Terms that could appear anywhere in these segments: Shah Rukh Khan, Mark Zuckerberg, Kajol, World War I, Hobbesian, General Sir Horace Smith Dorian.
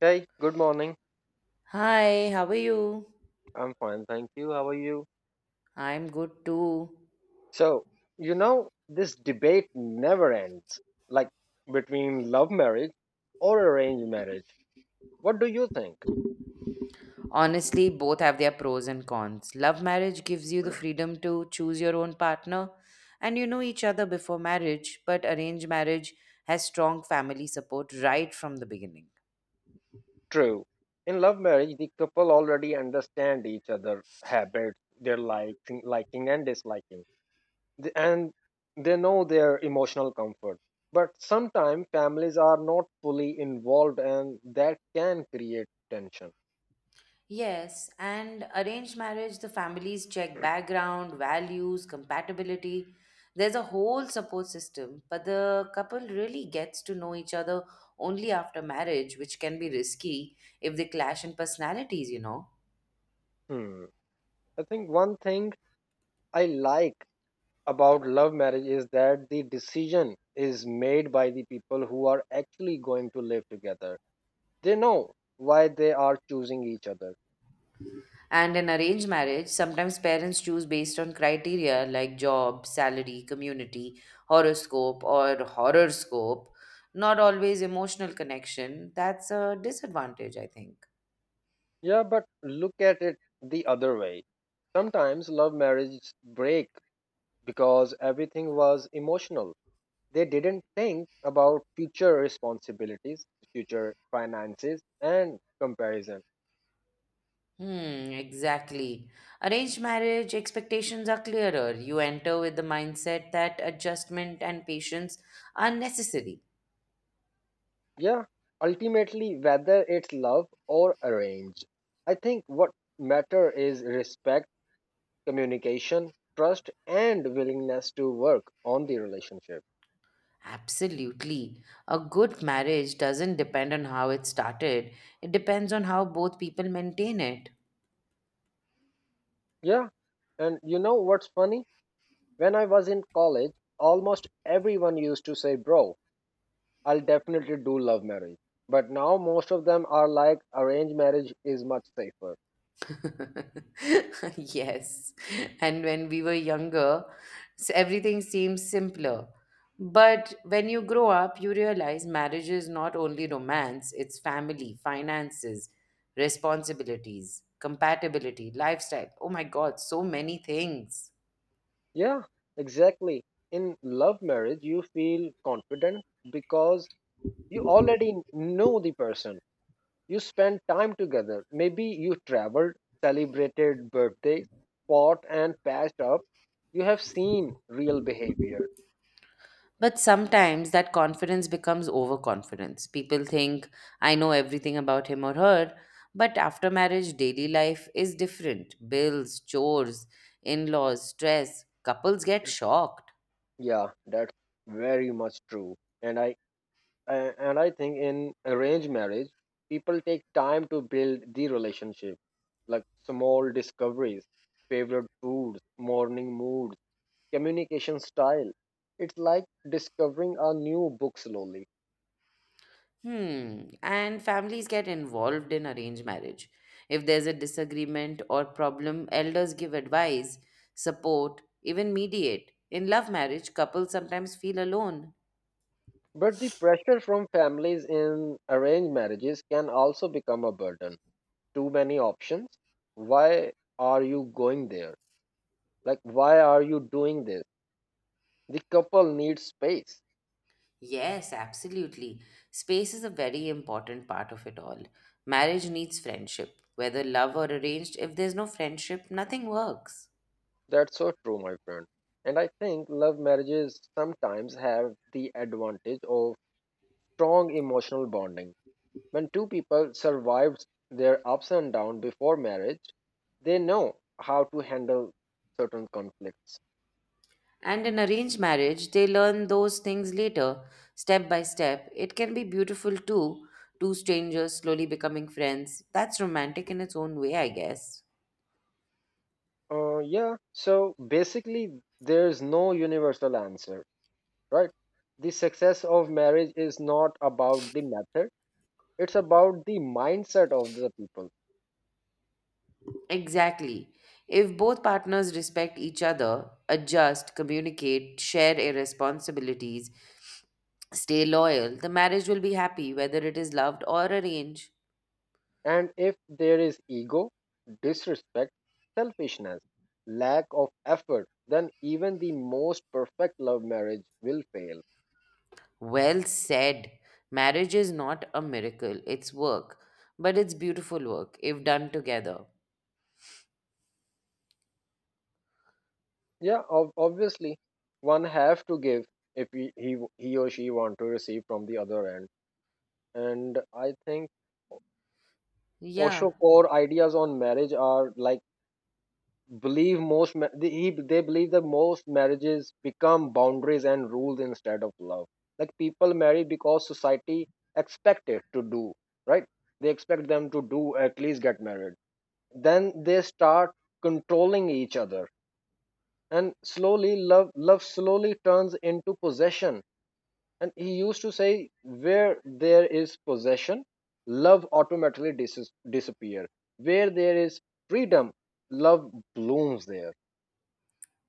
Hey, good morning. Hi, how are you? I'm fine, thank you. How are you? I'm good too. So, this debate never ends, like between love marriage or arranged marriage. What do you think? Honestly, both have their pros and cons. Love marriage gives you the freedom to choose your own partner and you know each other before marriage, but arranged marriage has strong family support right from the beginning. True. In love marriage, the couple already understand each other' habits, their liking and disliking, and they know their emotional comfort. But sometimes families are not fully involved, and that can create tension. Yes, and arranged marriage, the families check background, values, compatibility. There's a whole support system, but the couple really gets to know each other only after marriage, which can be risky if they clash in personalities, you know. Hmm. I think one thing I like about love marriage is that the decision is made by the people who are actually going to live together. They know why they are choosing each other. And in arranged marriage, sometimes parents choose based on criteria like job, salary, community, horoscope, not always emotional connection. That's a disadvantage, I think. Yeah, but look at it the other way. Sometimes love marriages break because everything was emotional. They didn't think about future responsibilities, future finances, and comparison. Hmm, exactly. Arranged marriage expectations are clearer. You enter with the mindset that adjustment and patience are necessary. Yeah, ultimately, whether it's love or arranged, I think what matter is respect communication, trust, and willingness to work on the relationship. Absolutely. A good marriage doesn't depend on how it started, it depends on how both people maintain it. Yeah, and you know what's funny? When I was in college, almost everyone used to say, Bro, I'll definitely do love marriage. But now most of them are like, arranged marriage is much safer. Yes. And when we were younger, everything seems simpler. But when you grow up, you realize marriage is not only romance, it's family, finances, responsibilities, compatibility, lifestyle. Oh my God, so many things. Yeah, exactly. In love marriage, you feel confident because you already know the person. You spent time together. Maybe you traveled, celebrated birthdays, fought and patched up. You have seen real behavior. But sometimes that confidence becomes overconfidence. People think, I know everything about him or her. But after marriage, daily life is different bills, chores, in laws, stress. Couples get shocked. Yeah, that's very much true. And I and I think in arranged marriage, people take time to build the relationship, like small discoveries, favorite foods, morning moods, communication style. It's like discovering a new book slowly. Hmm. And families get involved in arranged marriage. If there's a disagreement or problem, elders give advice, support, even mediate. In love marriage, couples sometimes feel alone. But the pressure from families in arranged marriages can also become a burden. Too many options. Why are you going there? Like, why are you doing this? The couple needs space. Yes, absolutely. Space is a very important part of it all. Marriage needs friendship, whether love or arranged. If there's no friendship, nothing works. That's so true, my friend. And I think love marriages sometimes have the advantage of strong emotional bonding. When two people survive their ups and downs before marriage, they know how to handle certain conflicts. And in arranged marriage, they learn those things later, step by step. It can be beautiful too, two strangers slowly becoming friends. That's romantic in its own way, I guess. Yeah, so basically, there's no universal answer, right? The success of marriage is not about the method, it's about the mindset of the people. Exactly. If both partners respect each other, adjust, communicate, share responsibilities, stay loyal. The marriage will be happy, whether it is loved or arranged. And if there is ego, disrespect, selfishness, lack of effort, then even the most perfect love marriage will fail. Well said. Marriage is not a miracle, it's work, but it's beautiful work if done together. Yeah, obviously, one have to give if he or she want to receive from the other end. And I think Yeah, Osho core ideas on marriage are like believe most ma- they, he- they believe that most marriages become boundaries and rules instead of love. Like people marry because society expect it to do, right? They expect them to do at least get married. Then they start controlling each other and slowly love slowly turns into possession, and he used to say, where there is possession, love automatically disappear. Where there is freedom, love blooms there.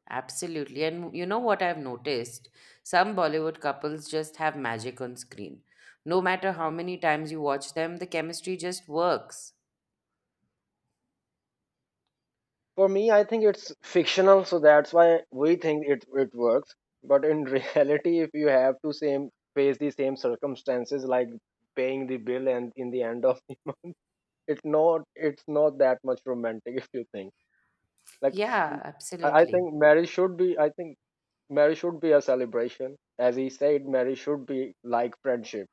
absolutely. And you know what I've noticed? Some Bollywood couples just have magic on screen. No matter how many times you watch them, the chemistry just works. For me, I think it's fictional, so that's why we think it works. But in reality, if you have to same face the same circumstances like paying the bill, and in the end of it's not that much romantic if you think like. Yeah, I I absolutely. think marriage should be I think marriage should be a celebration, as he said marriage should be like friendship,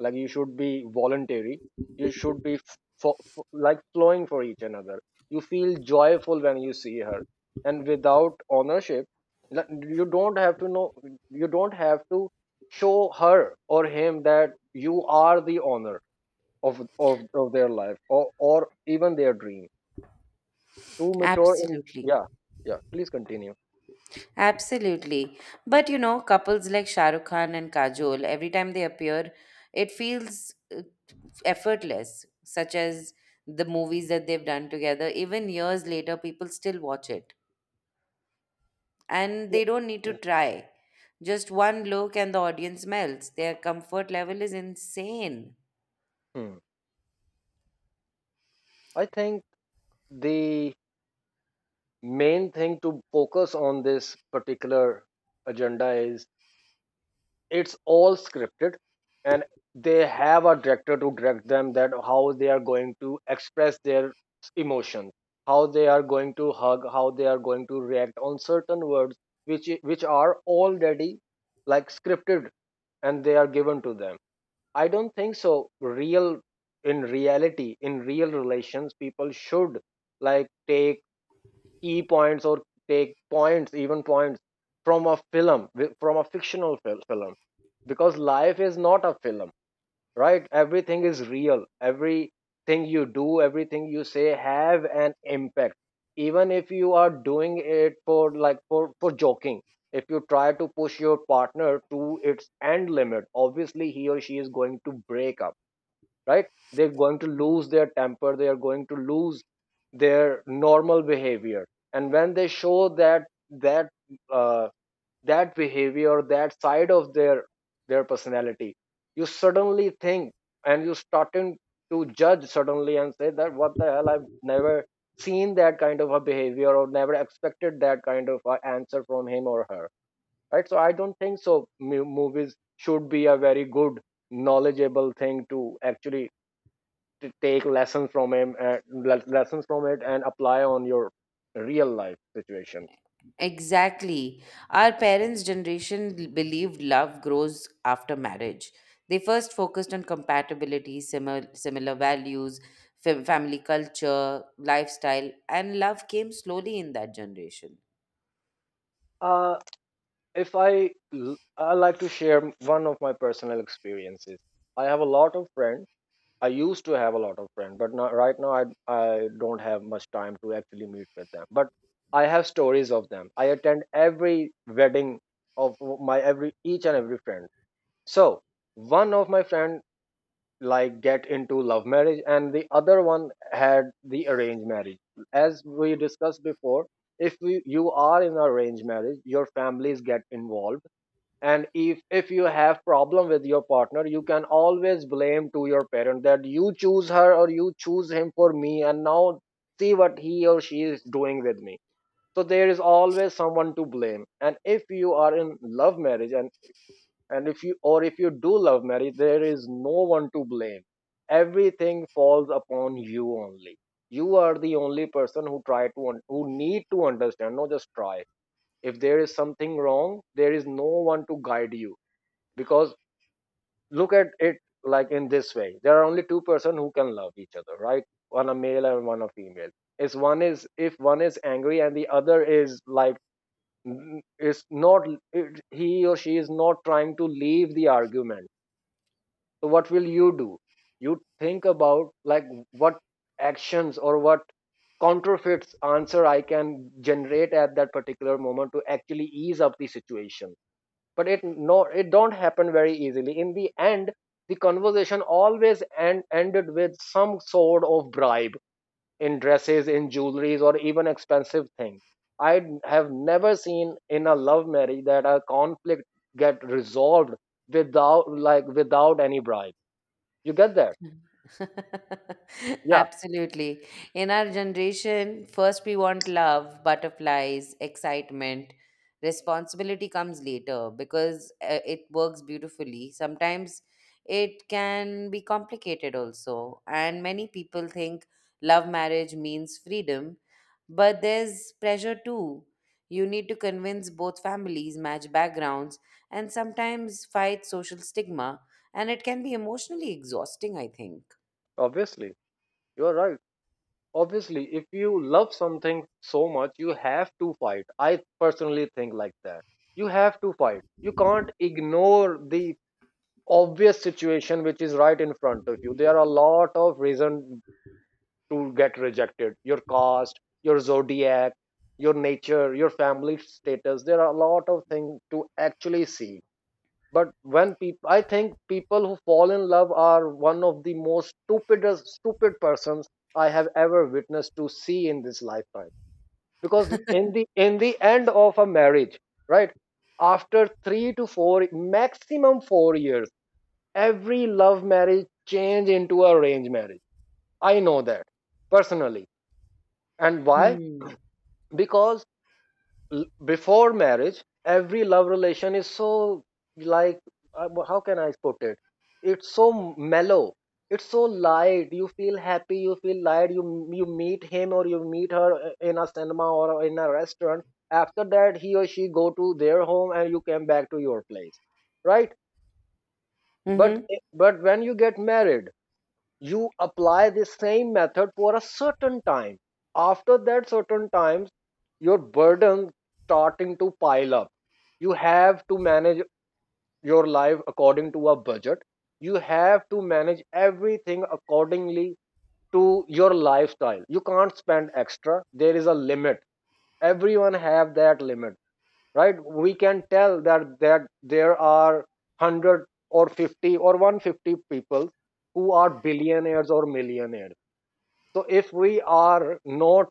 like you should be voluntary, you should be like flowing for each another, you feel joyful when you see her, and without ownership, like, you don't have to know you don't have to show her or him that you are the owner of their life, or even their dream, too mature in Absolutely. yeah. Yeah, please continue. Absolutely. But you know, couples like Shah Rukh Khan and Kajol, every time they appear, it feels effortless, such as the movies that they've done together. Even years later, people still watch it. And they don't need to try. Just one look and the audience melts. Their comfort level is insane. Hmm. I think the main thing to focus on this particular agenda is it's all scripted, and they have a director to direct them that how they are going to express their emotions, how they are going to hug, how they are going to react on certain words, which are already like scripted and they are given to them. I don't think so real, in reality, in real relations people should like take key points or take points, even points from a film, from a fictional film, because life is not a film, right? Everything is real. Everything you do, everything you say have an impact. Even if you are doing it for like for joking, if you try to push your partner to its end limit, obviously he or she is going to break up, right? They're going to lose their temper, they are going to lose their normal behavior. And when they show that uh, that behavior, that side of their personality, you suddenly think, and you starting to judge suddenly and say that what the hell, I've never seen that kind of a behavior, or never expected that kind of a answer from him or her, right? So I don't think so movies should be a very good knowledgeable thing to actually to take lessons from it, and apply on your real life situations. Exactly. Our parents' generation believed love grows after marriage. They first focused on compatibility, similar values, family culture, lifestyle, and love came slowly in that generation. Uh, if I, l- I like to share one of my personal experiences. I have a lot of friends. I used to have a lot of friends, but not, right now I don't have much time to actually meet with them. But I have stories of them. I attend every wedding of my every each and every friend. So one of my friend like get into love marriage and the other one had the arranged marriage. As we discussed before, if we, you are in arranged marriage your families get involved, and if you have problem with your partner you can always blame to your parent that you choose her or you choose him for me, and now see what he or she is doing with me. So there is always someone to blame. And if you are in love marriage, and if you do love marriage, there is no one to blame, everything falls upon you only. You are the only person who who need to understand, not just try. If there is something wrong, there is no one to guide you, because look at it like in this way, there are only two-person who can love each other, right? One a male and one a female. Is one is, if one is angry and the other is like n- is not it, he or she is not trying to leave the argument, so what will you do? You think about like what actions or what counterfeits answer I can generate at that particular moment to actually ease up the situation. But it, no, it don't happen very easily. In the end, the conversation always ended with some sort of bribe, in dresses, in jewelries, or even expensive things. I have never seen in a love marriage that a conflict get resolved without like without any bribe. You get that? Yeah. Absolutely. In our generation, first we want love, butterflies, excitement. Responsibility comes later because it works beautifully. Sometimes it can be complicated also. And many people think love marriage means freedom, but there's pressure too. You need to convince both families, match backgrounds, and sometimes fight social stigma and it can be emotionally exhausting, I think. Obviously, you're right. Obviously, if you love something so much, you have to fight. I personally think like that. You have to fight. You can't ignore the obvious situation which is right in front of you. There are a lot of reasons to get rejected. Your caste, your zodiac, your nature, your family status. There are a lot of things to actually see. But when people, I think people who fall in love are one of the most stupidest stupid persons I have ever witnessed to see in this lifetime, because in the end of a marriage, right, after 3 to 4, maximum 4 years, every love marriage change into a arranged marriage. I know that personally. And why? Hmm. Because before marriage every love relation is so, like, how can I put it, it's so mellow, it's so light, you feel happy, you feel light, you meet him or you meet her in a cinema or in a restaurant, after that he or she go to their home and you came back to your place, right? But Mm-hmm. When you get married, you apply this same method for a certain time. After that certain times, your burden starting to pile up. You have to manage your life according to a budget. You have to manage everything accordingly to your lifestyle. You can't spend extra, there is a limit. Everyone have that limit, right? We can tell that there are 100 or 50 or 150 people who are billionaires or millionaires. So if we are not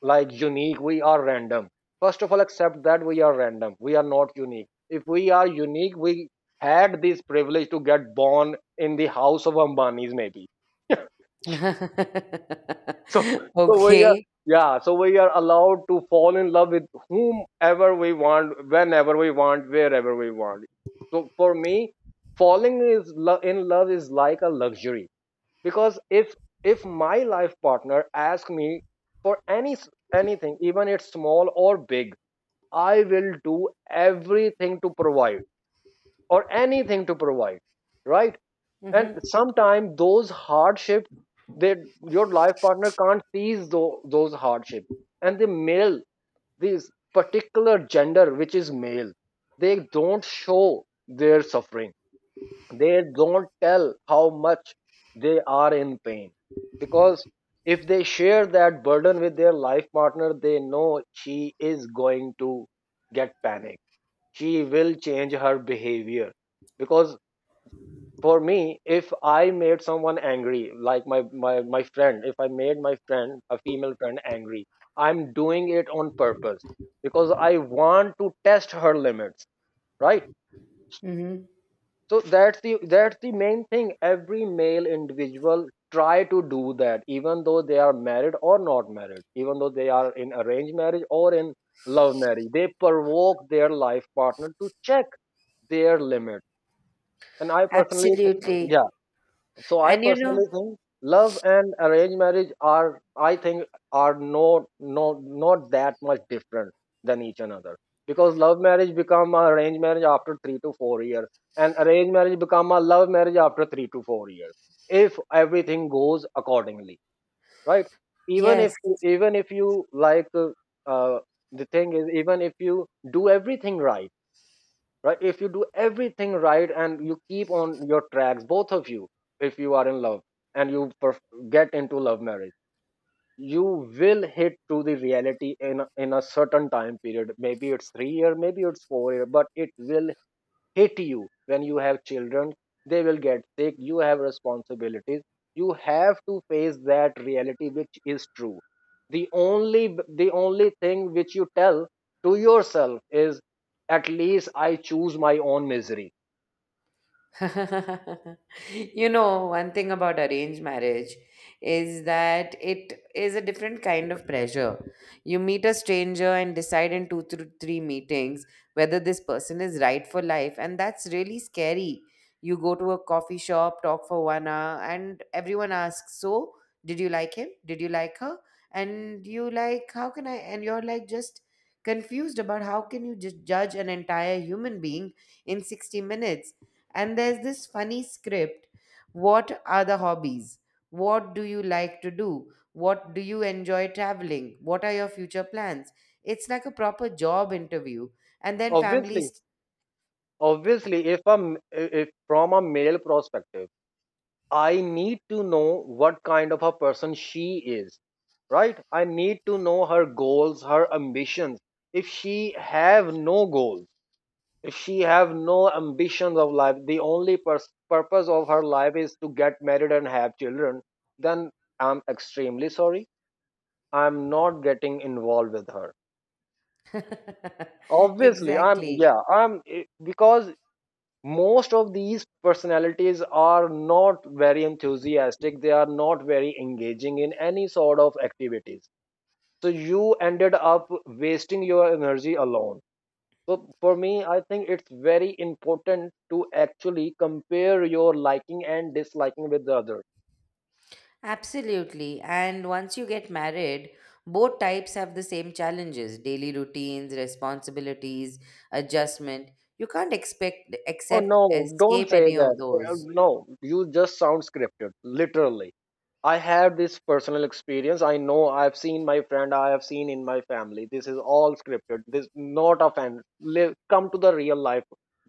like unique, we are random. First of all, accept that we are random. We are not unique. If we are unique, we had this privilege to get born in the house of Ambanis, maybe. So, so we are, Okay. yeah. So we are allowed to fall in love with whomever we want, whenever we want, wherever we want. So for me, falling in love is like a luxury because if my life partner asks me for anything, even it's small or big, I will do everything to provide or anything to provide, right? And Mm-hmm. sometimes those hardships that your life partner can't seize, those hardships, and the male, this particular gender which is male, they don't show their suffering, they don't tell how much they are in pain because if they share that burden with their life partner, they know she is going to get panic, she will change her behavior. Because for me, if I made someone angry, like my friend, if I made my friend, a female friend, angry, I'm doing it on purpose because I want to test her limits, right? Mm-hmm. So that's the main thing every male individual try to do, that even though they are married or not married, even though they are in arranged marriage or in love marriage, they provoke their life partner to check their limit. And I personally th- Absolutely. So I And you know, personally think love and arranged marriage are, I think, are no, not that much different than each another, because love marriage become a arranged marriage after 3 to 4 years and arranged marriage become a love marriage after 3 to 4 years, if everything goes accordingly, right? Yes. Even if you like uh, the thing is, even if you do everything right, right? If you do everything right and you keep on your tracks, both of you, if you are in love and get into love marriage, you will hit to the reality in in a certain time period, maybe it's 3 year, maybe it's 4 year, but it will hit you when you have children, they will get sick, you have responsibilities, you have to face that reality, which is true. The only, the only thing which you tell to yourself is, at least I choose my own misery. You know, one thing about arranged marriage is that it is a different kind of pressure. You meet a stranger and decide in two to three meetings whether this person is right for life, and that's really scary. You go to a coffee shop, talk for 1 hour, and everyone asks, So, did you like him? Did you like her? And you like, How can I? And you're like, just confused about how can you just judge an entire human being in 60 minutes and there's this funny script. What are the hobbies? What do you like to do? What do you enjoy traveling? What are your future plans? It's like a proper job interview. And then Obviously, families. obviously if a m- if from a male perspective, I need to know what kind of a person she is, right? I need to know her goals, her ambitions. If she have no goals, she have no ambitions of life, the only purpose of her life is to get married and have children, then I'm extremely sorry, I'm not getting involved with her. Obviously, I'm, Exactly. yeah, I'm because most of these personalities are not very enthusiastic, they are not very engaging in any sort of activities, so you ended up wasting your energy alone. So for me, I think it's very important to actually compare your liking and disliking with the other. Absolutely. And once you get married, both types have the same challenges daily routines, responsibilities, adjustment. You can't expect, Oh accept, no, don't escape say any that. of those. No, you just sound scripted, literally. I have this personal experience. I know, I've seen my friend, I have seen in my family. This is all scripted. This not a fan. Live, come to the real life,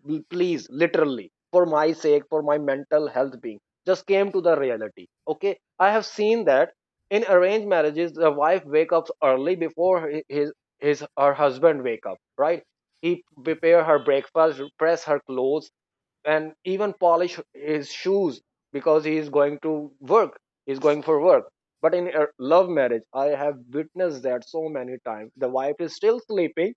Please. Literally, for my sake, for my mental health being, just came to the reality. Okay, I have seen that in arranged marriages, the wife wake up early before his her husband wake up. Right, he prepare her breakfast, press her clothes, and even polish his shoes because he is going to work, he's going for work. But in a love marriage, I have witnessed that so many times the wife is still sleeping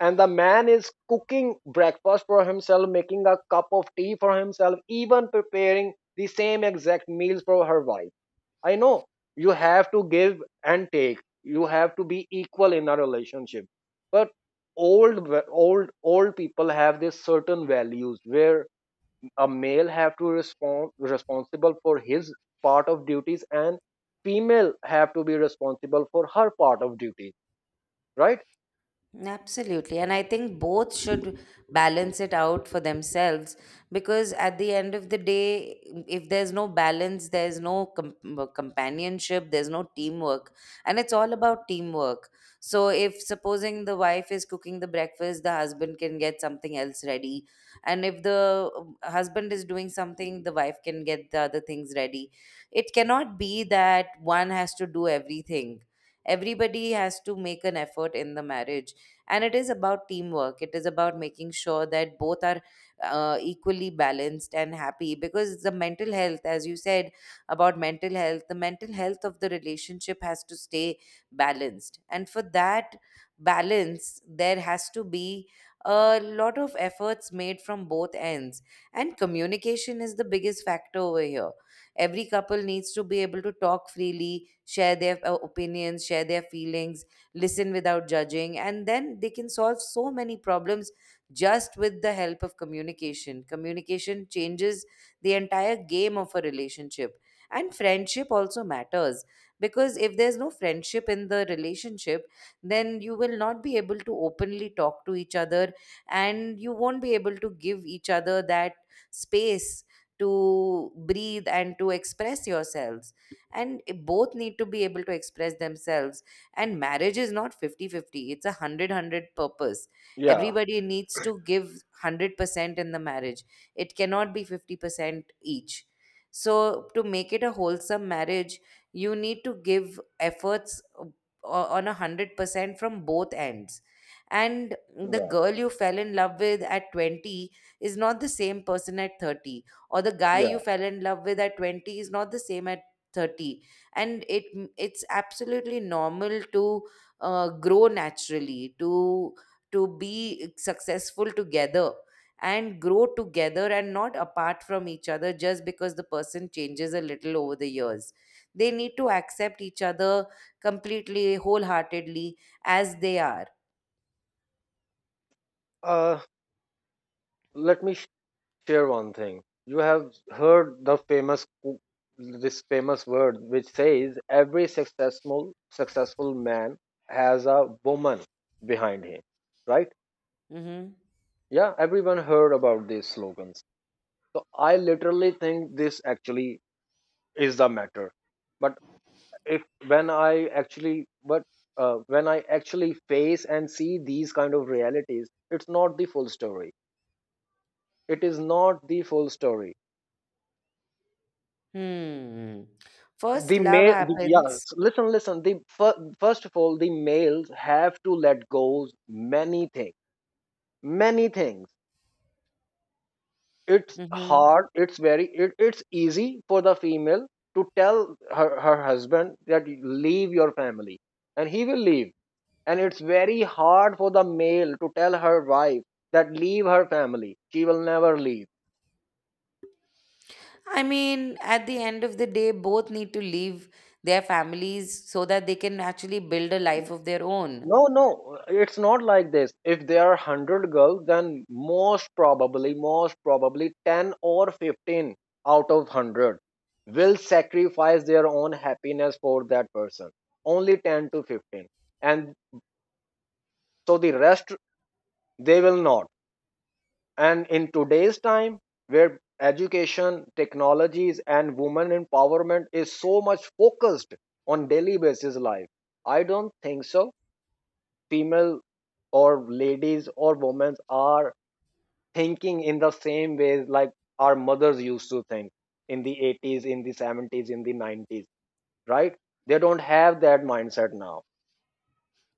and the man is cooking breakfast for himself, making a cup of tea for himself, even preparing the same exact meals for her wife. I know, you have to give and take, you have to be equal in a relationship, but old, old people have this certain values where a male have to respond responsible for his part of duties and female have to be responsible for her part of duties, right? Absolutely. And I think both should balance it out for themselves because at the end of the day, if there's no balance, there's no companionship, there's no teamwork. And it's all about teamwork. So, if supposing the wife is cooking the breakfast, the husband can get something else ready. And if the husband is doing something, the wife can get the other things ready. It cannot be that one has to do everything. Everybody has to make an effort in the marriage, and it is about teamwork, it is about making sure that both are equally balanced and happy, because the mental health, as you said, about mental health, the mental health of the relationship has to stay balanced, and for that balance there has to be a lot of efforts made from both ends. And communication is the biggest factor over here. Every couple needs to be able to talk freely, share their opinions, share their feelings, listen without judging, and then they can solve so many problems just with the help of communication. Communication changes the entire game of a relationship. And friendship also matters, because if there's no friendship in the relationship, then you will not be able to openly talk to each other and you won't be able to give each other that space to breathe and to express yourselves, and both need to be able to express themselves. And marriage is not 50-50. It's a 100 purpose. Yeah, Everybody needs to give 100% in the marriage. It cannot be 50% each, so to make it a wholesome marriage you need to give efforts on a 100% from both ends. And the yeah girl you fell in love with at 20 is not the same person at 30, or the guy you yeah, fell in love with at 20 is not the same at 30. And it, it's absolutely normal to grow naturally, to be successful together and grow together and not apart from each other just because the person changes a little over the years. They need to accept each other completely, wholeheartedly, as they are. uh let me share one thing. You have heard the famous this famous word which says every successful man has a woman behind him, right? Mm-hmm. Yeah, everyone heard about these slogans. So I literally think this actually is the matter. But if, when I actually, but when I actually face and see these kind of realities, it's not the full story, it is not the full story. Hmm. First love yeah, happens. Listen, listen, first of all, the males have to let go many things, many things. It's Mm-hmm. hard, it's very, it's easy for the female to tell her husband that leave your family, and he will leave. And it's very hard for the male to tell her wife that leave her family, she will never leave. I mean, at the end of the day, both need to leave their families so that they can actually build a life of their own. No, no, it's not like this. If there are 100 girls, then most probably, most probably, 10 or 15 out of 100 will sacrifice their own happiness for that person, only 10 to 15. And so the rest, they will not. And in today's time, where education, technologies, and women empowerment is so much focused on daily basis life, I don't think so female or ladies or women are thinking in the same ways like our mothers used to think in the 80s, in the 70s, in the 90s, right? They don't have that mindset now,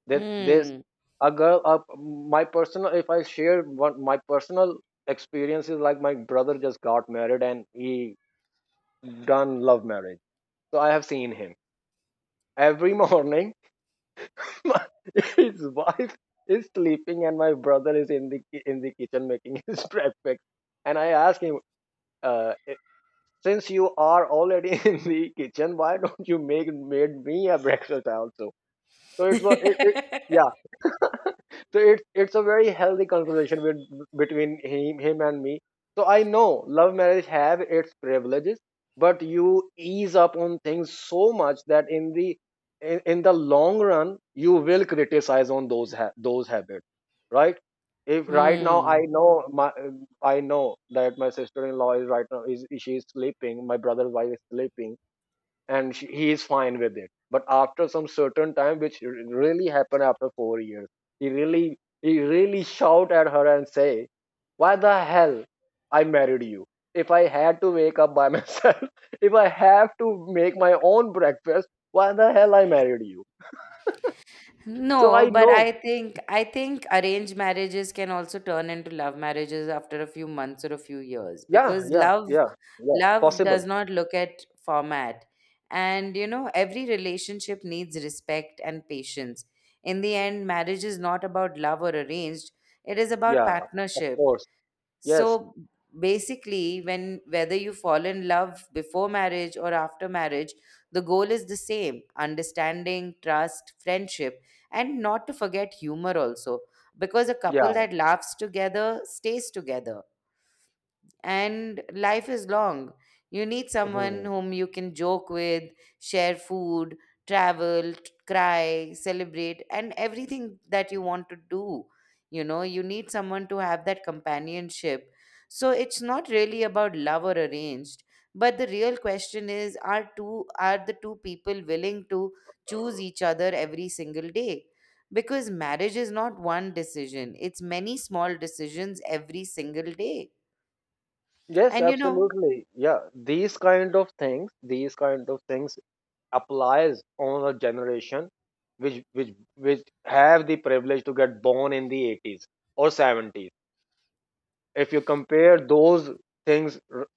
that there's Hmm. a girl, my personal, if I share one my personal experience, is like my brother just got married and he done love marriage. So I have seen him every morning, my- his wife is sleeping and my brother is in the in the kitchen making his breakfast. And I ask him, uh, eh, since you are already in the kitchen, why don't you make made me a breakfast also? So it was so it's a very healthy conversation between him and me. So I know love marriage have its privileges, but you ease up on things so much that in the, in the long run you will criticize on those those habits, right? If right now I Hmm. know my I know that my sister-in-law is right now is, she is sleeping, my brother's wife is sleeping, and he is fine with it, but after some certain time, which really happened after 4 years, he really shout at her and say, why the hell I married you? If I had to wake up by myself, if I have to make my own breakfast, why the hell I married you? So No, I but know. I think, I think arranged marriages can also turn into love marriages after a few months or a few years, yeah because yeah love. yeah yeah, Love possible. does not look at format. And, you know, every relationship needs respect and patience. In the end, marriage is not about love or arranged, it is about Yeah, of partnership. course. Yes. So basically, when whether you fall in love before marriage or after marriage, the goal is the same: understanding, trust, friendship, and not to forget humor also. Because a couple Yeah. that laughs together stays together, and life is long. You need someone Mhm. whom you can joke with, share food, travel, cry, celebrate, and everything that you want to do. You know, you need someone to have that companionship. So it's not really about love or arranged, but the real question is, are two, are the two people willing to choose each other every single day? Because marriage is not one decision, it's many small decisions every single day. Yes, And you know, absolutely, yeah. These kind of things, applies on a generation which, which have the privilege to get born in the 80s or 70s. If you compare those things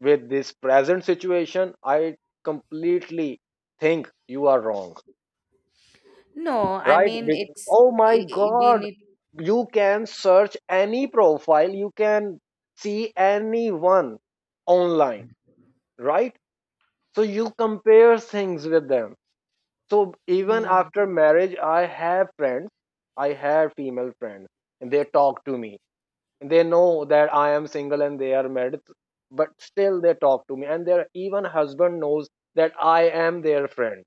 with this present situation, I completely think you are wrong. no, I Right. mean it's, Oh my we god. need. You can search any profile, you can see anyone online, right? So you compare things with them. So even Mm, after marriage, I have friends. I have female friends, and they talk to me. And they know that I am single and they are married, but still they talk to me. And their even husband knows that I am their friend.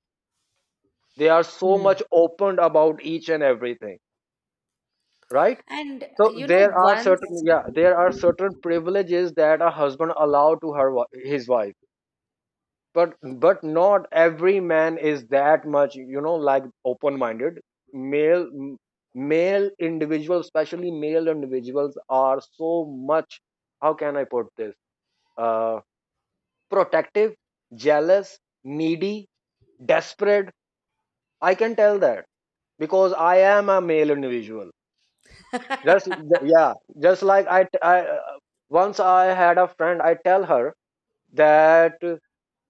They are so mm. much opened about each and everything, right? And So you know, there are once, certain, yeah, there are certain privileges that a husband allow to his wife, but but not every man is that much, you know, like open minded. male male individuals, especially male individuals, are so much, how can I put this, uh, protective, jealous, needy, desperate. I can tell that because I am a male individual. Yeah, just like I once I had a friend, I tell her that,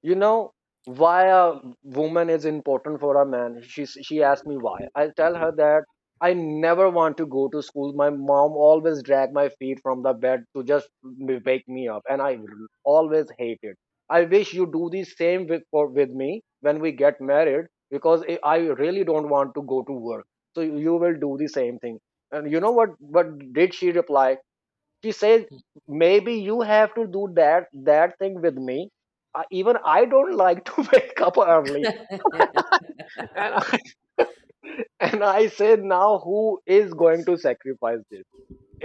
you know, why a woman is important for a man. She asked me why. I tell her that I never want to go to school, my mom always drag my feet from the bed to just wake me up, and I always hate it. I wish you do the same with me when we get married, because I really don't want to go to work, so you will do the same thing. And you know what did she reply? She says, maybe you have to do that thing with me, even I don't like to wake up early. And and I say, now who is going to sacrifice this?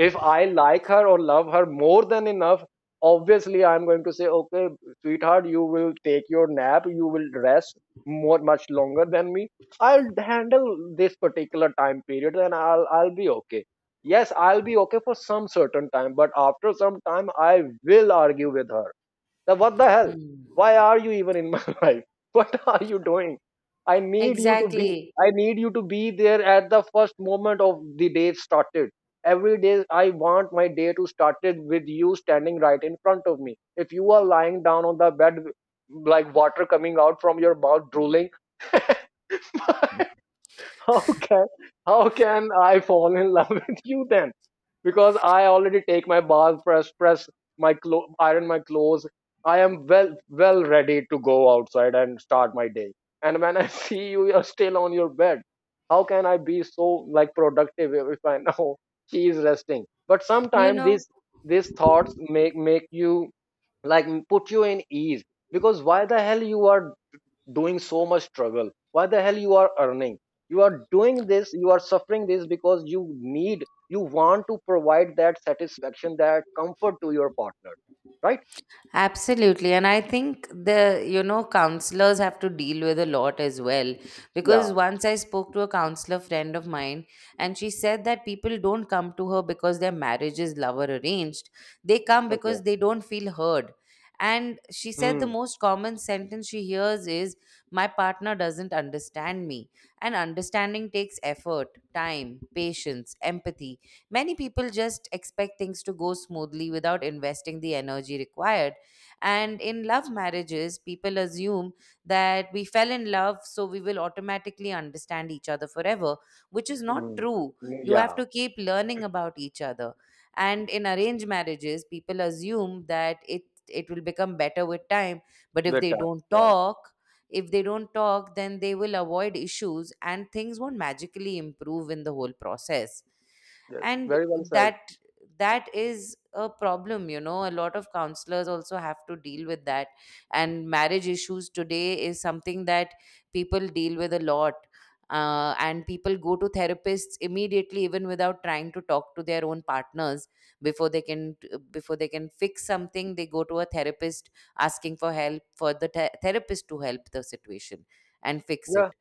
If I like her or love her more than enough, obviously I'm going to say, okay sweetheart, you will take your nap, you will rest more much longer than me. I'll handle this particular time period and I'll be okay. Yes, I'll be okay for some certain time, but after some time I will argue with her, now, what the hell? mm. Why are you even in my life? What are you doing? I need you to be. Exactly, I need you to be there at the first moment of the day started. Every day, I want my day to start it with you standing right in front of me. If you are lying down on the bed like water coming out from your mouth, drooling, how can, how can I fall in love with you then? Because I already take my bath, press my iron my clothes. I am well ready to go outside and start my day. And when I see you, you're still on your bed. How can I be so like productive if I know she is resting? But you sometimes know. these thoughts make you like put you in ease, because why the hell you are doing so much struggle, why the hell you are earning, you are doing this, you are suffering this, because you need, you want to provide that satisfaction, that comfort to your partner, right? Absolutely. And I think the, you know, counselors have to deal with a lot as well. Because Yeah. once I spoke to a counselor friend of mine, and she said that people don't come to her because their marriage is love or arranged. They come Okay. because they don't feel heard. And she said the Hmm. most common sentence she hears is, My partner doesn't understand me. And understanding takes effort, time, patience, empathy. Many people just expect things to go smoothly without investing the energy required, and in love marriages, people assume that we fell in love, so we will automatically understand each other forever, which is not Hmm. true. You have Yeah. to keep learning about each other. And in arranged marriages, people assume that it will become better with time. But if Good they time, don't yeah. talk, if they don't talk, then they will avoid issues and things won't magically improve in the whole process. Yes, And very well said. that, that is a problem. You know, a lot of counselors also have to deal with that, and marriage issues today is something that people deal with a lot. And people go to therapists immediately even without trying to talk to their own partners. Before they can, before they can fix something they go to a therapist asking for help, for the therapist to help the situation and fix Yeah, it.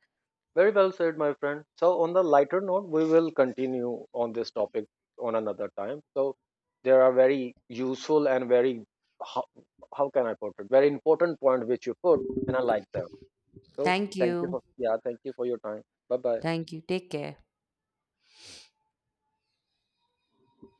very well said my friend. So on the lighter note, we will continue on this topic on another time. So there are very useful and very, how, how can I put it, very important point which you put, and I like them. So Thank thank you you. for, yeah, thank you for your time. Bye bye. Thank you, take care.